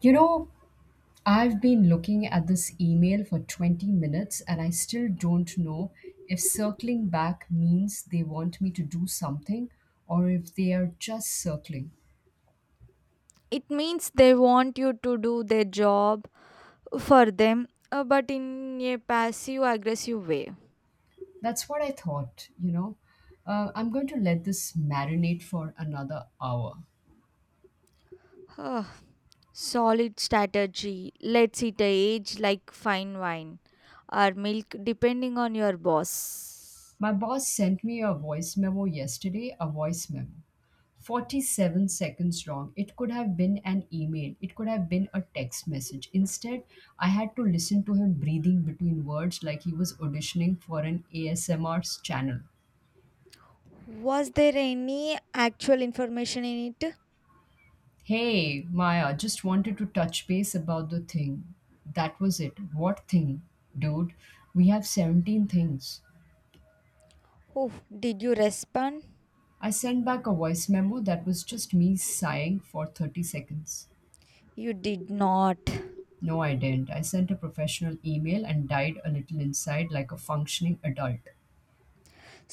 You know, I've been looking at this email for 20 minutes and I still don't know if circling back means they want me to do something or if they are just circling. It means they want you to do their job for them, but in a passive aggressive way. That's what I thought, you know. I'm going to let this marinate for another hour. Huh, solid strategy. Let's it age like fine wine or milk depending on your boss. My boss sent me a voice memo yesterday, a voice memo. 47 seconds wrong. It could have been an email, it could have been a text message. Instead, I had to listen to him breathing between words like he was auditioning for an ASMR channel. Was there any actual information in it? Hey, Maya, just wanted to touch base about the thing. That was it. What thing? Dude, we have 17 things. Oh, did you respond? I sent back a voice memo that was just me sighing for 30 seconds. You did not? No, I didn't. I sent a professional email and died a little inside like a functioning adult.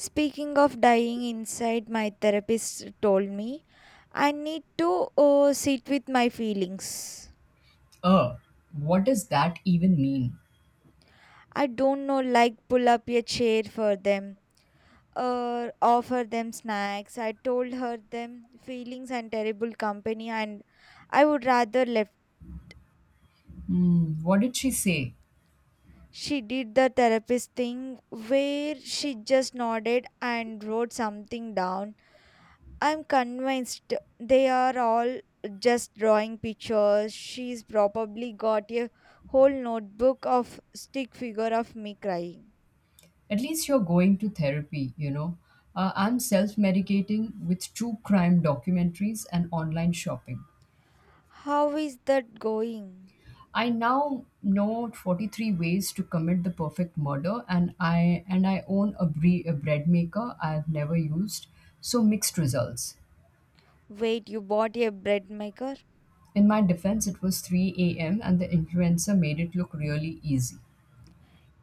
Speaking of dying inside, my therapist told me I need to sit with my feelings. Uh, what does that even mean? I don't know, like pull up a chair for them or offer them snacks. I told her them feelings and terrible company and I would rather left. Hmm, what did she say? She did the therapist thing where she just nodded and wrote something down. I'm convinced they are all just drawing pictures. She's probably got a whole notebook of stick figure of me crying. At least you're going to therapy, you know. I'm self medicating with true crime documentaries and online shopping. How is that going? I now know 43 ways to commit the perfect murder, and I own a, a bread maker I've never used, so mixed results. Wait, you bought a bread maker? In my defense, it was 3 a.m. and the influencer made it look really easy.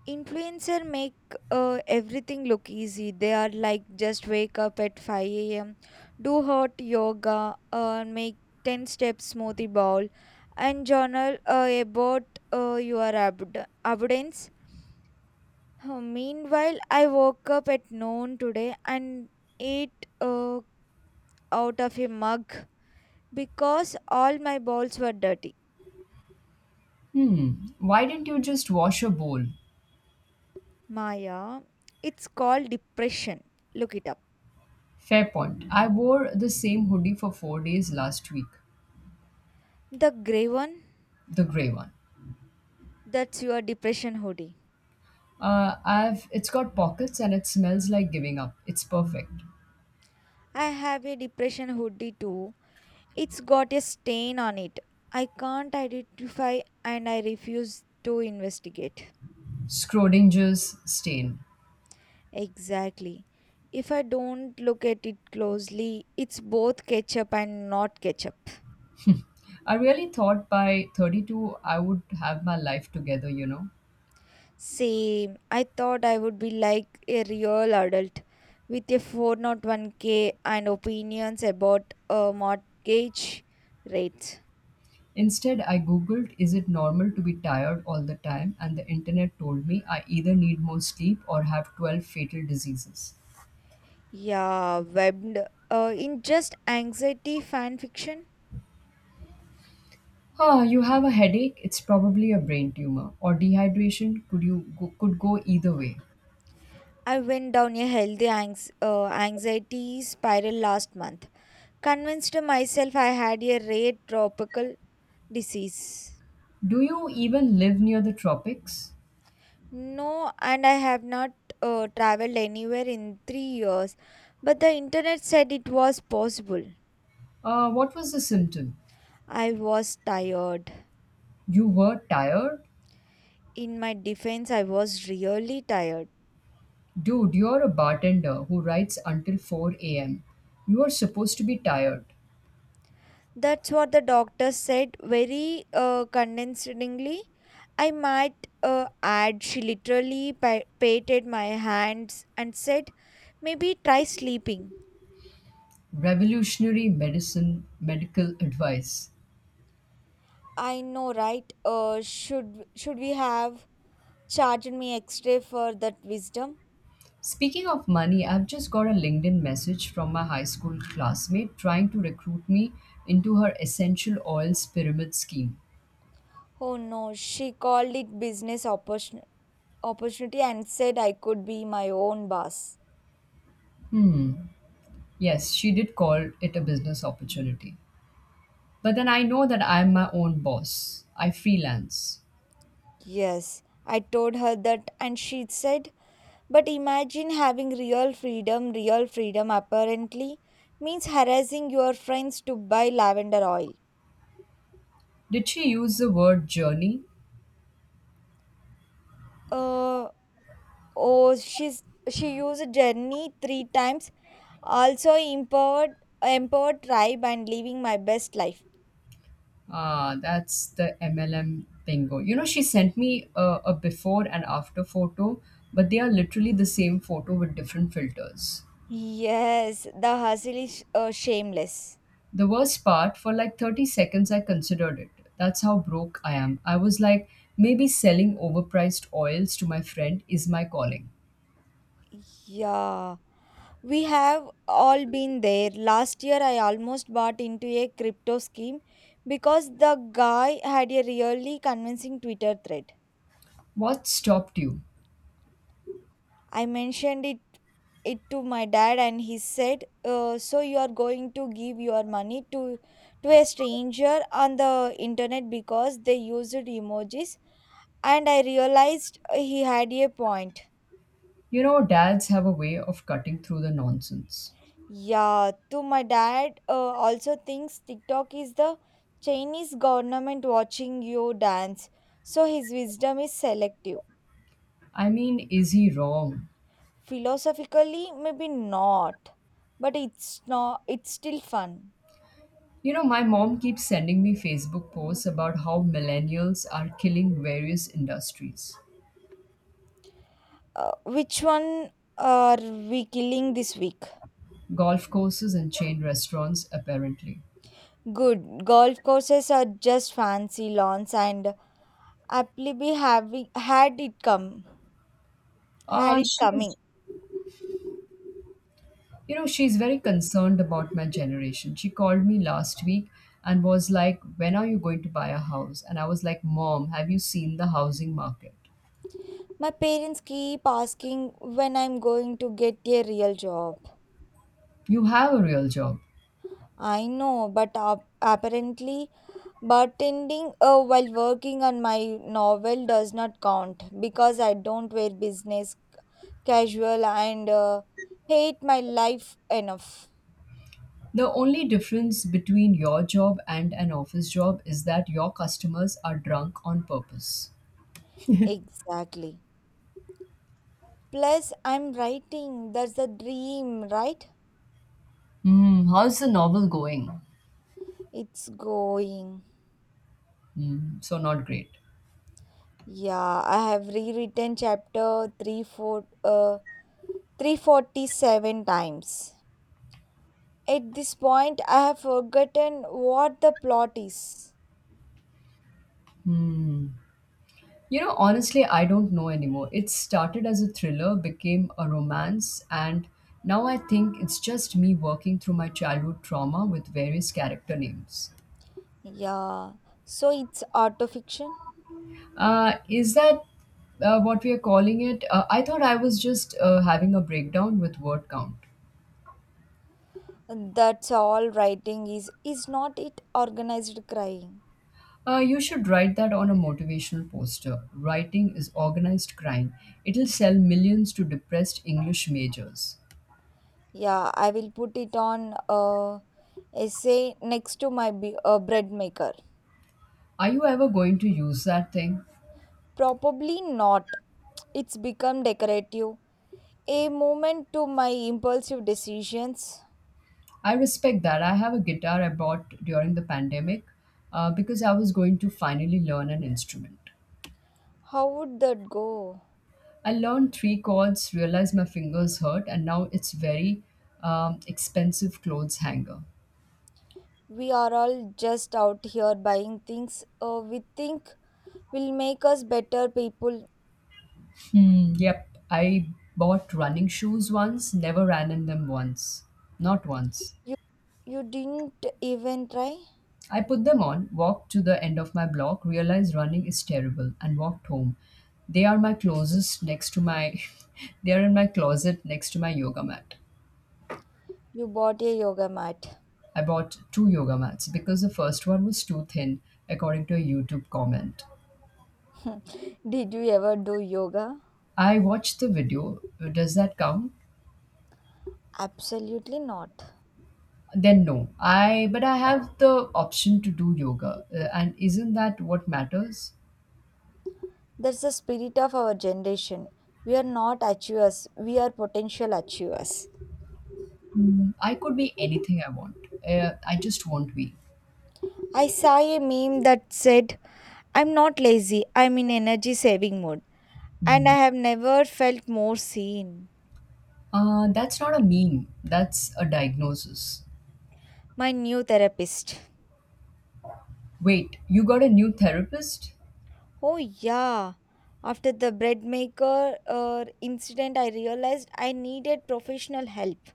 Influencer make everything look easy. They are like just wake up at 5 a.m., do hot yoga, make 10 step smoothie bowl, and journal about your abundance. Meanwhile, I woke up at noon today and ate out of a mug because all my bowls were dirty. Hmm, why didn't you just wash a bowl? Maya, it's called depression. Look it up. Fair point. I wore the same hoodie for 4 days last week, The grey one? the grey one. That's your depression hoodie. I've it's got pockets and it smells like giving up. It's perfect. I have a depression hoodie too. It's got a stain on it. I can't identify and I refuse to investigate. Schrodinger's stain. Exactly. If I don't look at it closely, it's both ketchup and not ketchup. I really thought by 32 I would have my life together, you know. Same. I thought I would be like a real adult with a 401k and opinions about mortgage rates. Instead, I googled is it normal to be tired all the time and the internet told me I either need more sleep or have 12 fatal diseases. Yeah, webbed in just anxiety fan fiction. Ah, you have a headache, it's probably a brain tumor or dehydration, could go either way. I went down a healthy anxiety spiral last month, convinced myself I had a rare tropical disease. Do you even live near the tropics? No, and I have not traveled anywhere in 3 years, but the internet said it was possible. What was the symptom? I was tired. You were tired? In my defense, I was really tired. Dude, you're a bartender who writes until 4 a.m. You are supposed to be tired. That's what the doctor said very condescendingly. I might add, she literally patted my hands and said, maybe try sleeping. Revolutionary medicine, medical advice. I know, right? Should we have charged me extra for that wisdom? Speaking of money, I've just got a LinkedIn message from my high school classmate trying to recruit me into her essential oils pyramid scheme. Oh no, she called it business opportunity and said I could be my own boss. Hmm. Yes, she did call it a business opportunity. But then I know that I'm my own boss. I freelance. Yes, I told her that, and she said, but imagine having real freedom. Real freedom apparently means harassing your friends to buy lavender oil. Did she use the word journey? Uh, oh, she used journey three times. Also empowered, empowered tribe and living my best life. Ah, that's the MLM bingo. You know, she sent me a before and after photo, but they are literally the same photo with different filters. Yes, the hustle is shameless. The worst part, for like 30 seconds, I considered it. That's how broke I am. I was like, maybe selling overpriced oils to my friend is my calling. Yeah, we have all been there. Last year, I almost bought into a crypto scheme because the guy had a really convincing Twitter thread. What stopped you? I mentioned it to my dad and he said, so you are going to give your money to a stranger on the internet because they used emojis. And I realized he had a point. You know, dads have a way of cutting through the nonsense. Yeah, to my dad, also thinks TikTok is the Chinese government watching you dance, so his wisdom is selective. I mean, is he wrong? Philosophically maybe not, but it's not it's still fun. You know, my mom keeps sending me Facebook posts about how millennials are killing various industries. Which one are we killing this week? Golf courses and chain restaurants, apparently. Good. Golf courses are just fancy lawns and Appleby having had it come had Uh, it coming. she's, she's very concerned about my generation. She called me last week and was like, when are you going to buy a house? And I was like, Mom, have you seen the housing market? My parents keep asking when I'm going to get a real job. You have a real job. I know, but apparently bartending while working on my novel does not count because I don't wear business casual and hate my life enough. The only difference between your job and an office job is that your customers are drunk on purpose. Exactly. Plus, I'm writing. That's the dream, right? Hmm, how's the novel going? It's going. Hmm, so not great. Yeah, I have rewritten chapter 3, 4, 347 times. At this point, I have forgotten what the plot is. Hmm. You know, honestly, I don't know anymore. It started as a thriller, became a romance, and now I think it's just me working through my childhood trauma with various character names. Yeah, so it's autofiction. Is that what we are calling it? I thought I was just having a breakdown with word count. That's all writing is. Is not it organized crying? You should write that on a motivational poster. Writing is organized crime. It'll sell millions to depressed English majors. Yeah, I will put it on a essay next to my bread maker. Are you ever going to use that thing? Probably not. It's become decorative, a moment to my impulsive decisions. I respect that. I have a guitar I bought during the pandemic because I was going to finally learn an instrument. How would that go? I learned three chords, realized my fingers hurt, and now it's very expensive clothes hanger. We are all just out here buying things we think will make us better people. Hmm, yep, I bought running shoes once, never ran in them once. Not once. You, you didn't even try? I put them on, walked to the end of my block, realized running is terrible, and walked home. They are my closest next to my they are in my closet next to my yoga mat. You bought a yoga mat. I bought two yoga mats because the first one was too thin, according to a YouTube comment. Did you ever do yoga? I watched the video. Does that count? Absolutely not. Then no. I have the option to do yoga, and isn't that what matters? That's the spirit of our generation. We are not achievers, we are potential achievers. Mm, I could be anything I want. I just won't be. I saw a meme that said, I'm not lazy, I'm in energy saving mode. And I Hmm. have never felt more seen. That's not a meme, that's a diagnosis. My new therapist. Wait, you got a new therapist? Oh, yeah. After the bread maker incident, I realized I needed professional help.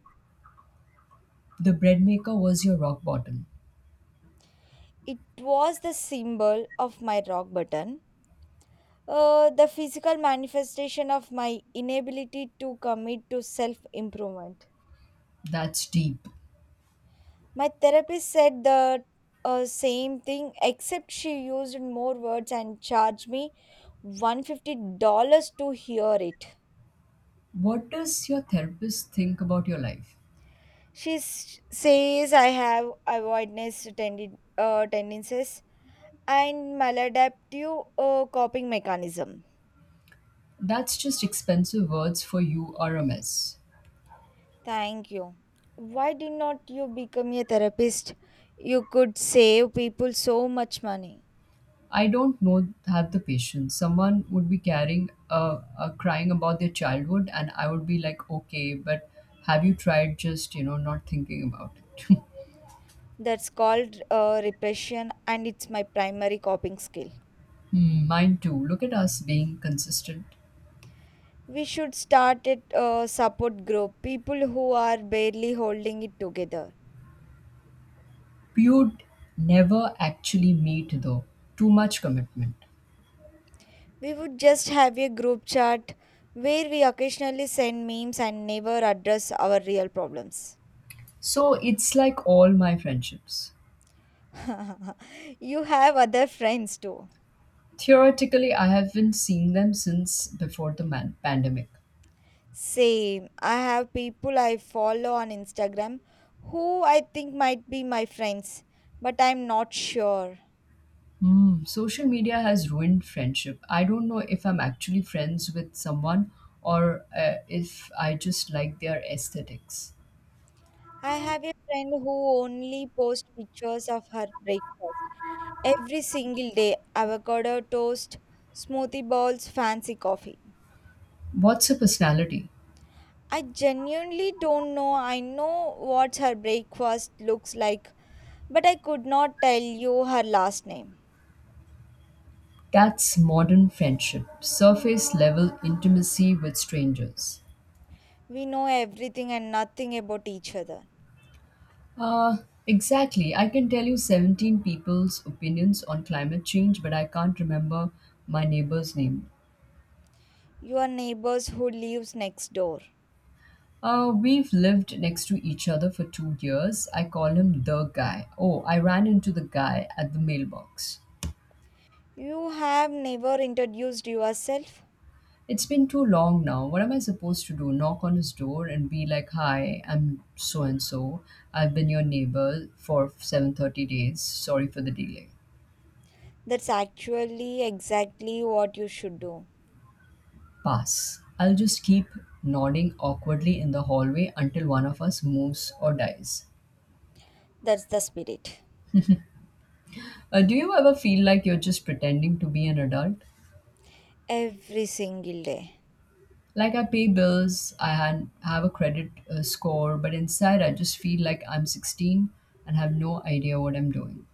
The bread maker was your rock bottom. It was the symbol of my rock button, the physical manifestation of my inability to commit to self improvement. That's deep. My therapist said the same thing, except she used more words and charged me $150 to hear it. What does your therapist think about your life? She says I have avoidance tendencies and maladaptive coping mechanism. That's just expensive words for you are a mess. Thank you. Why did not you become a therapist? You could save people so much money. I don't know have the patience. Someone would be carrying crying about their childhood and I would be like, okay, but have you tried just, you know, not thinking about it? That's called repression, and it's my primary coping skill. Hmm, mine too. Look at us being consistent. We should start at a support group, people who are barely holding it together. You'd never actually meet, though. Too much commitment. We would just have a group chat where we occasionally send memes and never address our real problems. So it's like all my friendships. You have other friends too. Theoretically, I haven't seen them since before the pandemic. Same. I have people I follow on Instagram who I think might be my friends, but I'm not sure. Hmm, social media has ruined friendship. I don't know if I'm actually friends with someone or if I just like their aesthetics. I have a friend who only posts pictures of her breakfast. Every single day, avocado toast, smoothie bowls, fancy coffee. What's a personality? I genuinely don't know. I know what her breakfast looks like, but I could not tell you her last name. That's modern friendship, surface level intimacy with strangers. We know everything and nothing about each other. Uh, exactly. I can tell you 17 people's opinions on climate change, but I can't remember my neighbor's name. You are neighbors who lives next door. We've lived next to each other for 2 years. I call him the guy. Oh, I ran into the guy at the mailbox. You have never introduced yourself. It's been too long now. What am I supposed to do? Knock on his door and be like, "Hi, I'm so and so. I've been your neighbor for 7:30 days. Sorry for the delay." That's actually exactly what you should do. Pass. I'll just keep nodding awkwardly in the hallway until one of us moves or dies. That's the spirit. Do you ever feel like you're just pretending to be an adult? Every single day. Like I pay bills, I have a credit score, but inside I just feel like I'm 16 and have no idea what I'm doing.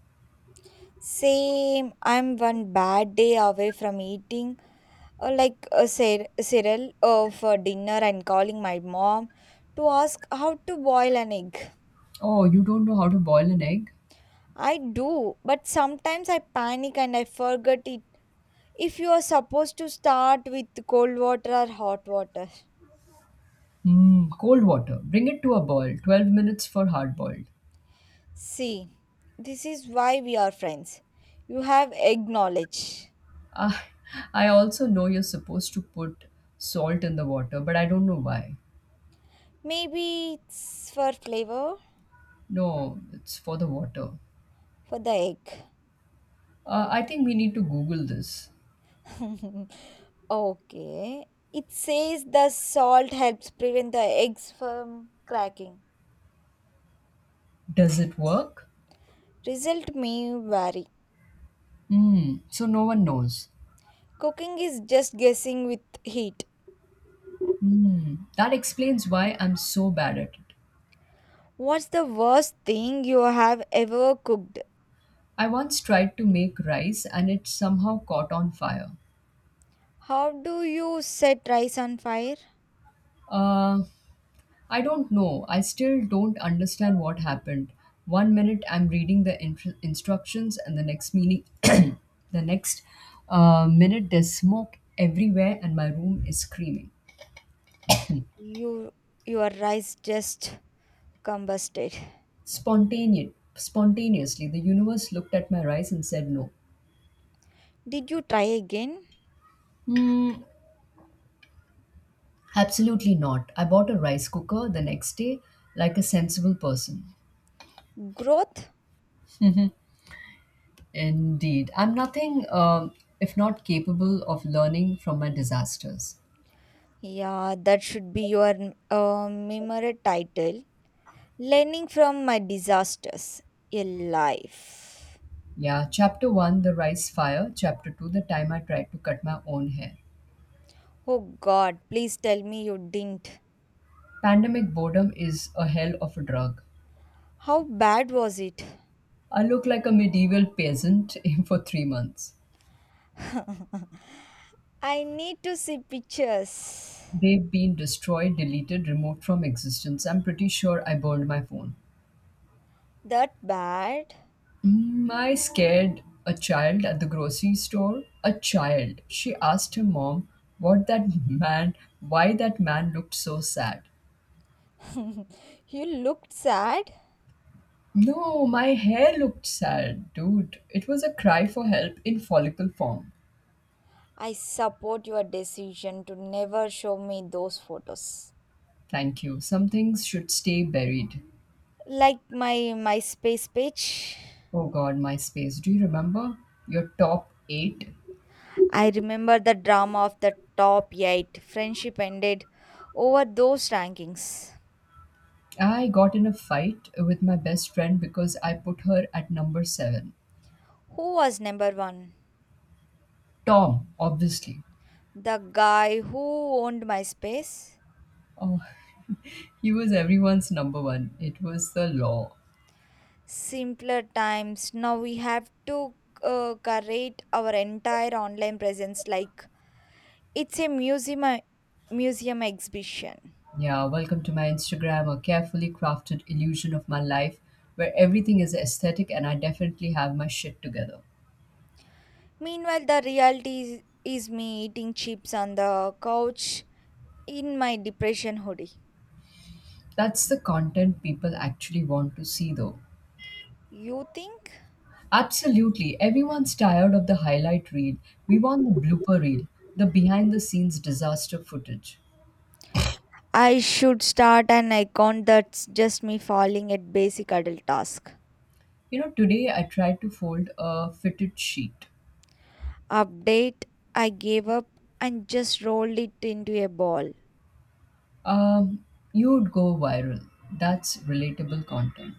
Same, I'm one bad day away from eating, like a cereal for dinner and calling my mom to ask how to boil an egg. Oh, you don't know how to boil an egg? I do, but sometimes I panic and I forget it. If you are supposed to start with cold water or hot water. Hmm, cold water. Bring it to a boil. 12 minutes for hard boiled. See, this is why we are friends. You have egg knowledge. Ah, I also know you're supposed to put salt in the water, but I don't know why. Maybe it's for flavor No, it's for the water. for the egg. I think we need to Google this. Okay. It says the salt helps prevent the eggs from cracking. Does it work? Result may vary. Mm, so no one knows. Cooking is just guessing with heat. Mm, that explains why I'm so bad at it. What's the worst thing you have ever cooked? I once tried to make rice and it somehow caught on fire. How do you set rice on fire? Uh, I don't know. I still don't understand what happened. One minute I'm reading the intr instructions and the next minute there's smoke everywhere and my room is screaming. You your rice just combusted. Spontaneously, the universe looked at my rice and said no. Did you try again? Hmm. Absolutely not. I bought a rice cooker the next day like a sensible person. Growth? Indeed. I'm nothing if not capable of learning from my disasters. Yeah, that should be your memory title. Learning from my disasters in life. Yeah, chapter 1 the Rice Fire, chapter 2 the Time I Tried to Cut My Own Hair. Oh God, please tell me you didn't. Pandemic boredom is a hell of a drug. How bad was it? I look like a medieval peasant for 3 months. I need to see pictures. They've been destroyed, deleted, removed from existence. I'm pretty sure I burned my phone. That bad? Mm, I scared a child at the grocery store. A child. She asked her mom what that man, why that man looked so sad. You looked sad. No, my hair looked sad, dude. It was a cry for help in follicle form. I support your decision to never show me those photos. Thank you. Some things should stay buried. Like my MySpace page. Oh god, MySpace. Do you remember your top eight? I remember the drama of the top 8 friendship ended over those rankings. I got in a fight with my best friend because I put her at number seven. Who was number 1? Tom, obviously. The guy who owned my space. Oh, he was everyone's number one. It was the law. Simpler times. Now we have to curate our entire online presence like it's a museum exhibition. Yeah, welcome to my Instagram, a carefully crafted illusion of my life where everything is aesthetic and I definitely have my shit together. Meanwhile, the reality is me eating chips on the couch in my depression hoodie. That's the content people actually want to see, though. You think? Absolutely. Everyone's tired of the highlight reel. We want the blooper reel, the behind the scenes disaster footage. I should start an account that's just me falling at basic adult task. You know, today I tried to fold a fitted sheet. Update, I gave up and just rolled it into a ball. Um, you'd go viral. That's relatable content.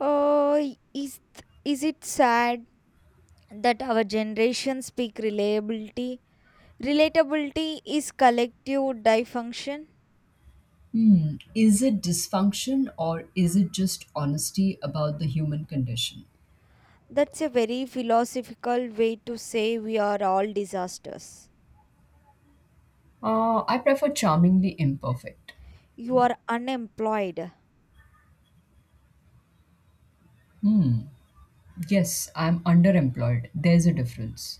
Oh, is it sad that our generation speak reliability? Relatability is collective dysfunction. Hmm. Is it dysfunction or is it just honesty about the human condition? That's a very philosophical way to say we are all disasters. I prefer charmingly imperfect. You are unemployed. Yes, I'm underemployed. There's a difference.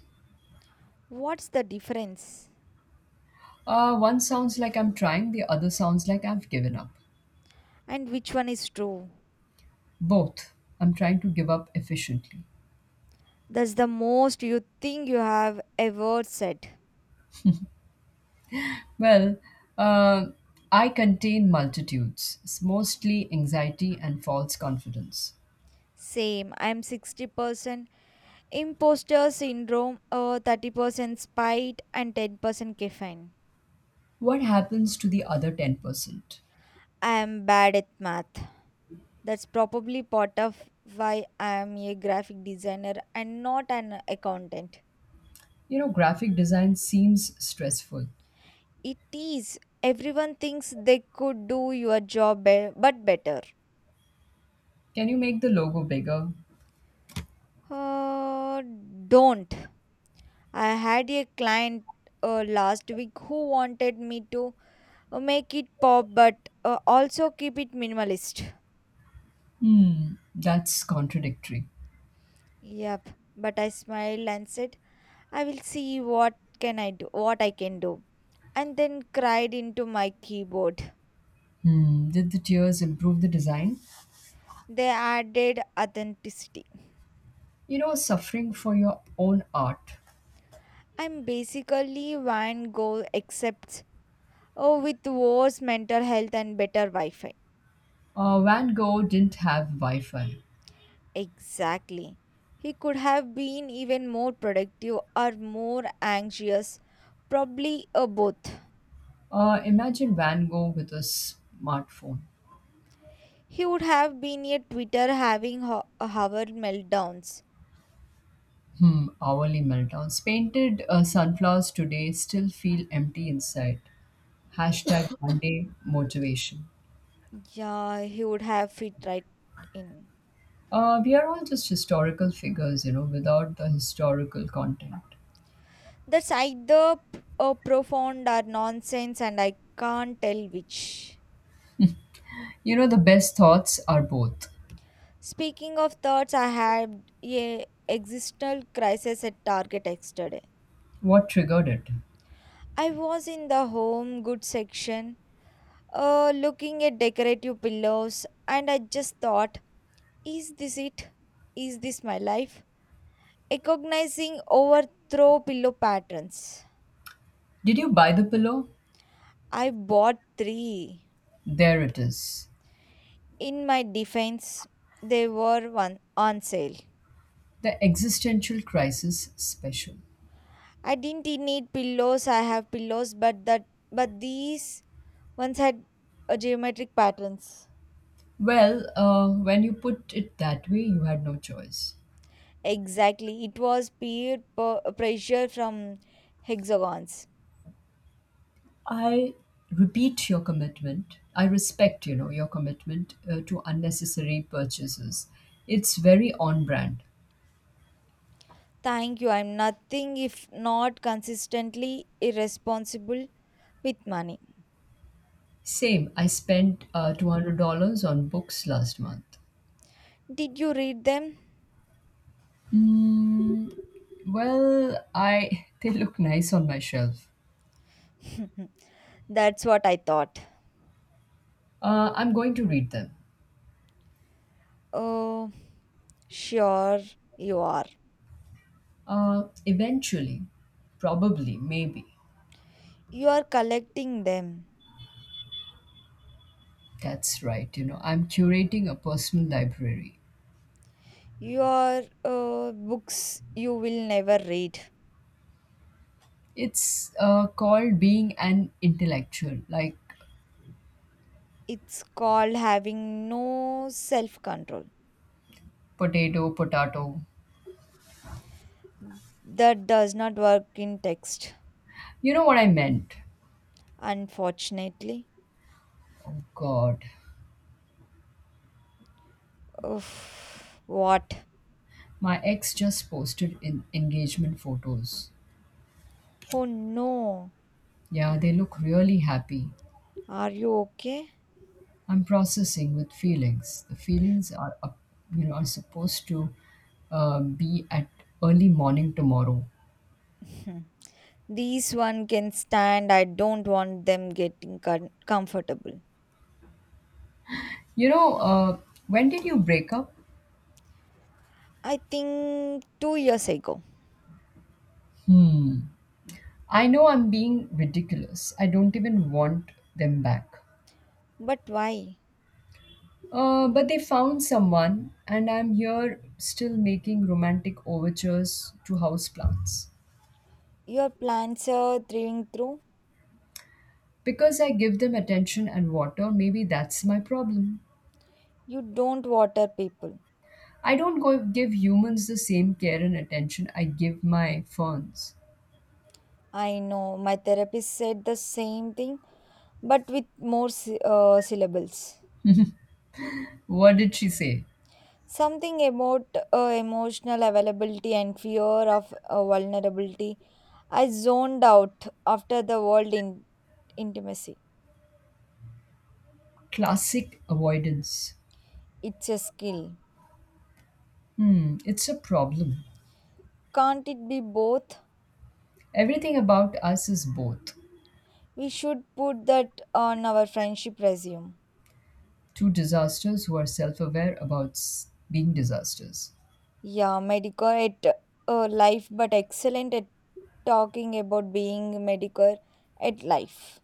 What's the difference? One sounds like I'm trying, the other sounds like I've given up. And which one is true? Both. I'm trying to give up efficiently. That's the most you think you have ever said. Well, uh, I contain multitudes, mostly anxiety and false confidence. Same, I'm 60%. Imposter syndrome, 30% spite and 10% caffeine. What happens to the other 10%? I am bad at math. That's probably part of why I am a graphic designer and not an accountant. You know, graphic design seems stressful. It is. Everyone thinks they could do your job, but better. Can you make the logo bigger? Uh, don't. I had a client last week who wanted me to make it pop, but also keep it minimalist. Hmm, that's contradictory. Yep. But I smiled and said, I will see what can I do, what I can do, and then cried into my keyboard. Hmm, did the tears improve the design? They added authenticity. You know, suffering for your own art. I'm basically Van Gogh except oh, with worse mental health and better Wi-Fi. Van Gogh didn't have Wi Fi. Exactly. He could have been even more productive or more anxious, probably a both. Imagine Van Gogh with a smartphone. He would have been a Twitter having hour meltdowns. Hmm, hourly meltdowns. Painted sunflowers today still feel empty inside. Hashtag Monday motivation. Yeah, he would have fit right in. We are all just historical figures, you know, without the historical content. That's either profound or nonsense, and I can't tell which. You know, the best thoughts are both. Speaking of thoughts, I had a existential crisis at Target yesterday. What triggered it? I was in the home goods section, looking at decorative pillows, and I just thought, is this it? Is this my life? Recognizing overthrow pillow patterns. Did you buy the pillow? I bought three. There it is. In my defense, they were one on sale. The existential crisis special. I didn't need pillows. I have pillows, but these ones had geometric patterns. Well, when you put it that way, you had no choice. Exactly, it was peer pressure from hexagons. I repeat your commitment. I respect, you know, your commitment to unnecessary purchases. It's very on brand. Thank you. I'm nothing if not consistently irresponsible with money. Same, I spent $200 on books last month. Did you read them? Mm, well, I they look nice on my shelf. That's what I thought. I'm going to read them. Oh, sure you are. Eventually, probably, maybe. You are collecting them. That's right. You know, I'm curating a personal library. Your books you will never read. It's called being an intellectual. Like It's called having no self control. potato, potato. That does not work in text, You know what I meant? unfortunately. Oh god. Oof, what? My ex just posted in engagement photos. Oh no. Yeah, they look really happy. Are you okay? I'm processing with feelings. The feelings are up, you know, are supposed to be at early morning tomorrow. These one can stand. I don't want them getting comfortable. You know, when did you break up? I think 2 years ago. Hmm. I know I'm being ridiculous. I don't even want them back. But why? But they found someone, and I'm here still making romantic overtures to houseplants. Your plants are thriving through. Because I give them attention and water, maybe that's my problem. You don't water people. I don't go give humans the same care and attention I give my ferns. I know. My therapist said the same thing, but with more syllables. What did she say? Something about emotional availability and fear of vulnerability. I zoned out after the world in intimacy. Classic avoidance. It's a skill. Hmm, it's a problem. Can't it be both? Everything about us is both. We should put that on our friendship resume. Two disasters who are self aware about being disasters. Yeah, medical at life, but excellent at talking about being medical at life.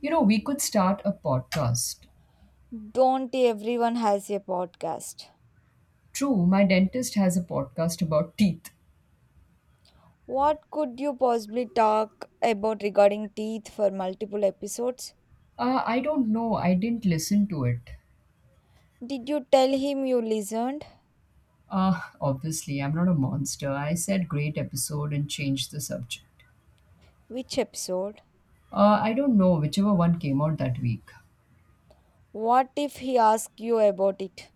You know, we could start a podcast. Don't everyone has a podcast. True, my dentist has a podcast about teeth. What could you possibly talk about regarding teeth for multiple episodes? I don't know, I didn't listen to it. Did you tell him you listened? Obviously, I'm not a monster. I said great episode and changed the subject. Which episode? I don't know, whichever one came out that week. What if he asks you about it?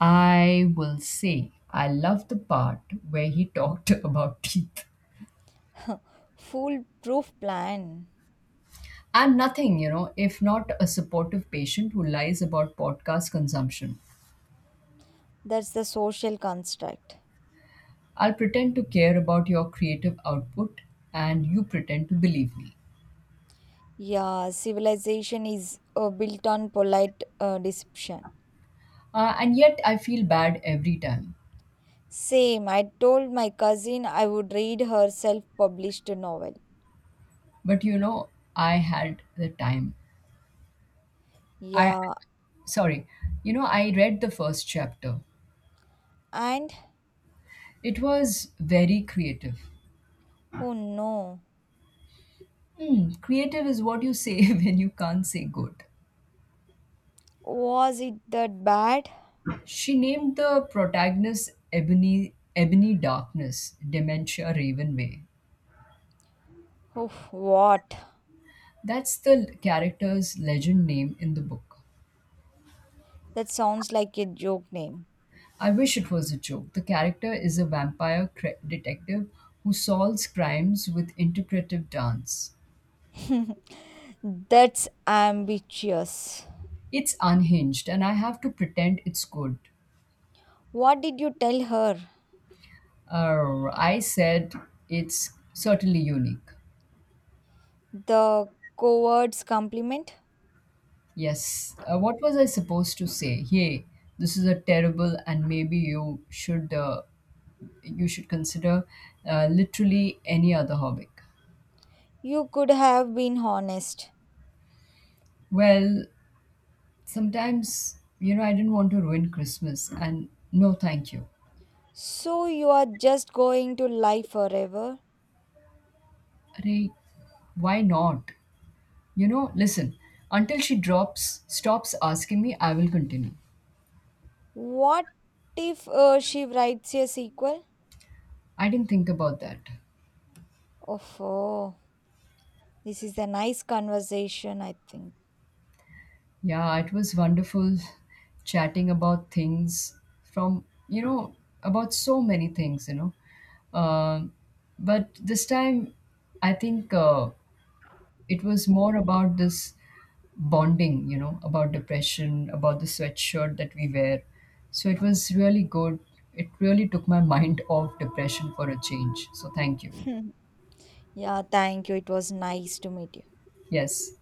I will say, I love the part where he talked about teeth. Foolproof plan. I'm nothing, you know, if not a supportive patient who lies about podcast consumption. That's the social construct. I'll pretend to care about your creative output and you pretend to believe me. Yeah, civilization is built on polite deception. And yet I feel bad every time. Same, I told my cousin I would read her self published novel. But you know, I had the time. I, Yeah, sorry, you know, I read the first chapter. and It was very creative. oh no, Hmm, creative is what you say when you can't say good. was it that bad? She named the protagonist Ebony, Ebony Darkness, Dementia Ravenway. Oh, what? That's the character's legend name in the book. That sounds like a joke name. I wish it was a joke. The character is a detective who solves crimes with interpretive dance. That's ambitious. It's unhinged, and I have to pretend it's good. What did you tell her? I said it's certainly unique. The coward's compliment? Yes. What was I supposed to say? Hey, this is a terrible, and maybe you should consider literally any other hobby. You could have been honest. Well, sometimes you know I didn't want to ruin Christmas, and no, thank you. So you are just going to lie forever? Ray, why not? You know, listen, stops asking me, I will continue. What if she writes a sequel? I didn't think about that. Oh, this is a nice conversation, I think. Yeah, it was wonderful chatting about things from, you know, about so many things. Um but this time, I think it was more about this bonding, you know, about depression, about the sweatshirt that we wear. So it was really good. It really took my mind off depression for a change. So thank you. Yeah, thank you. It was nice to meet you. Yes.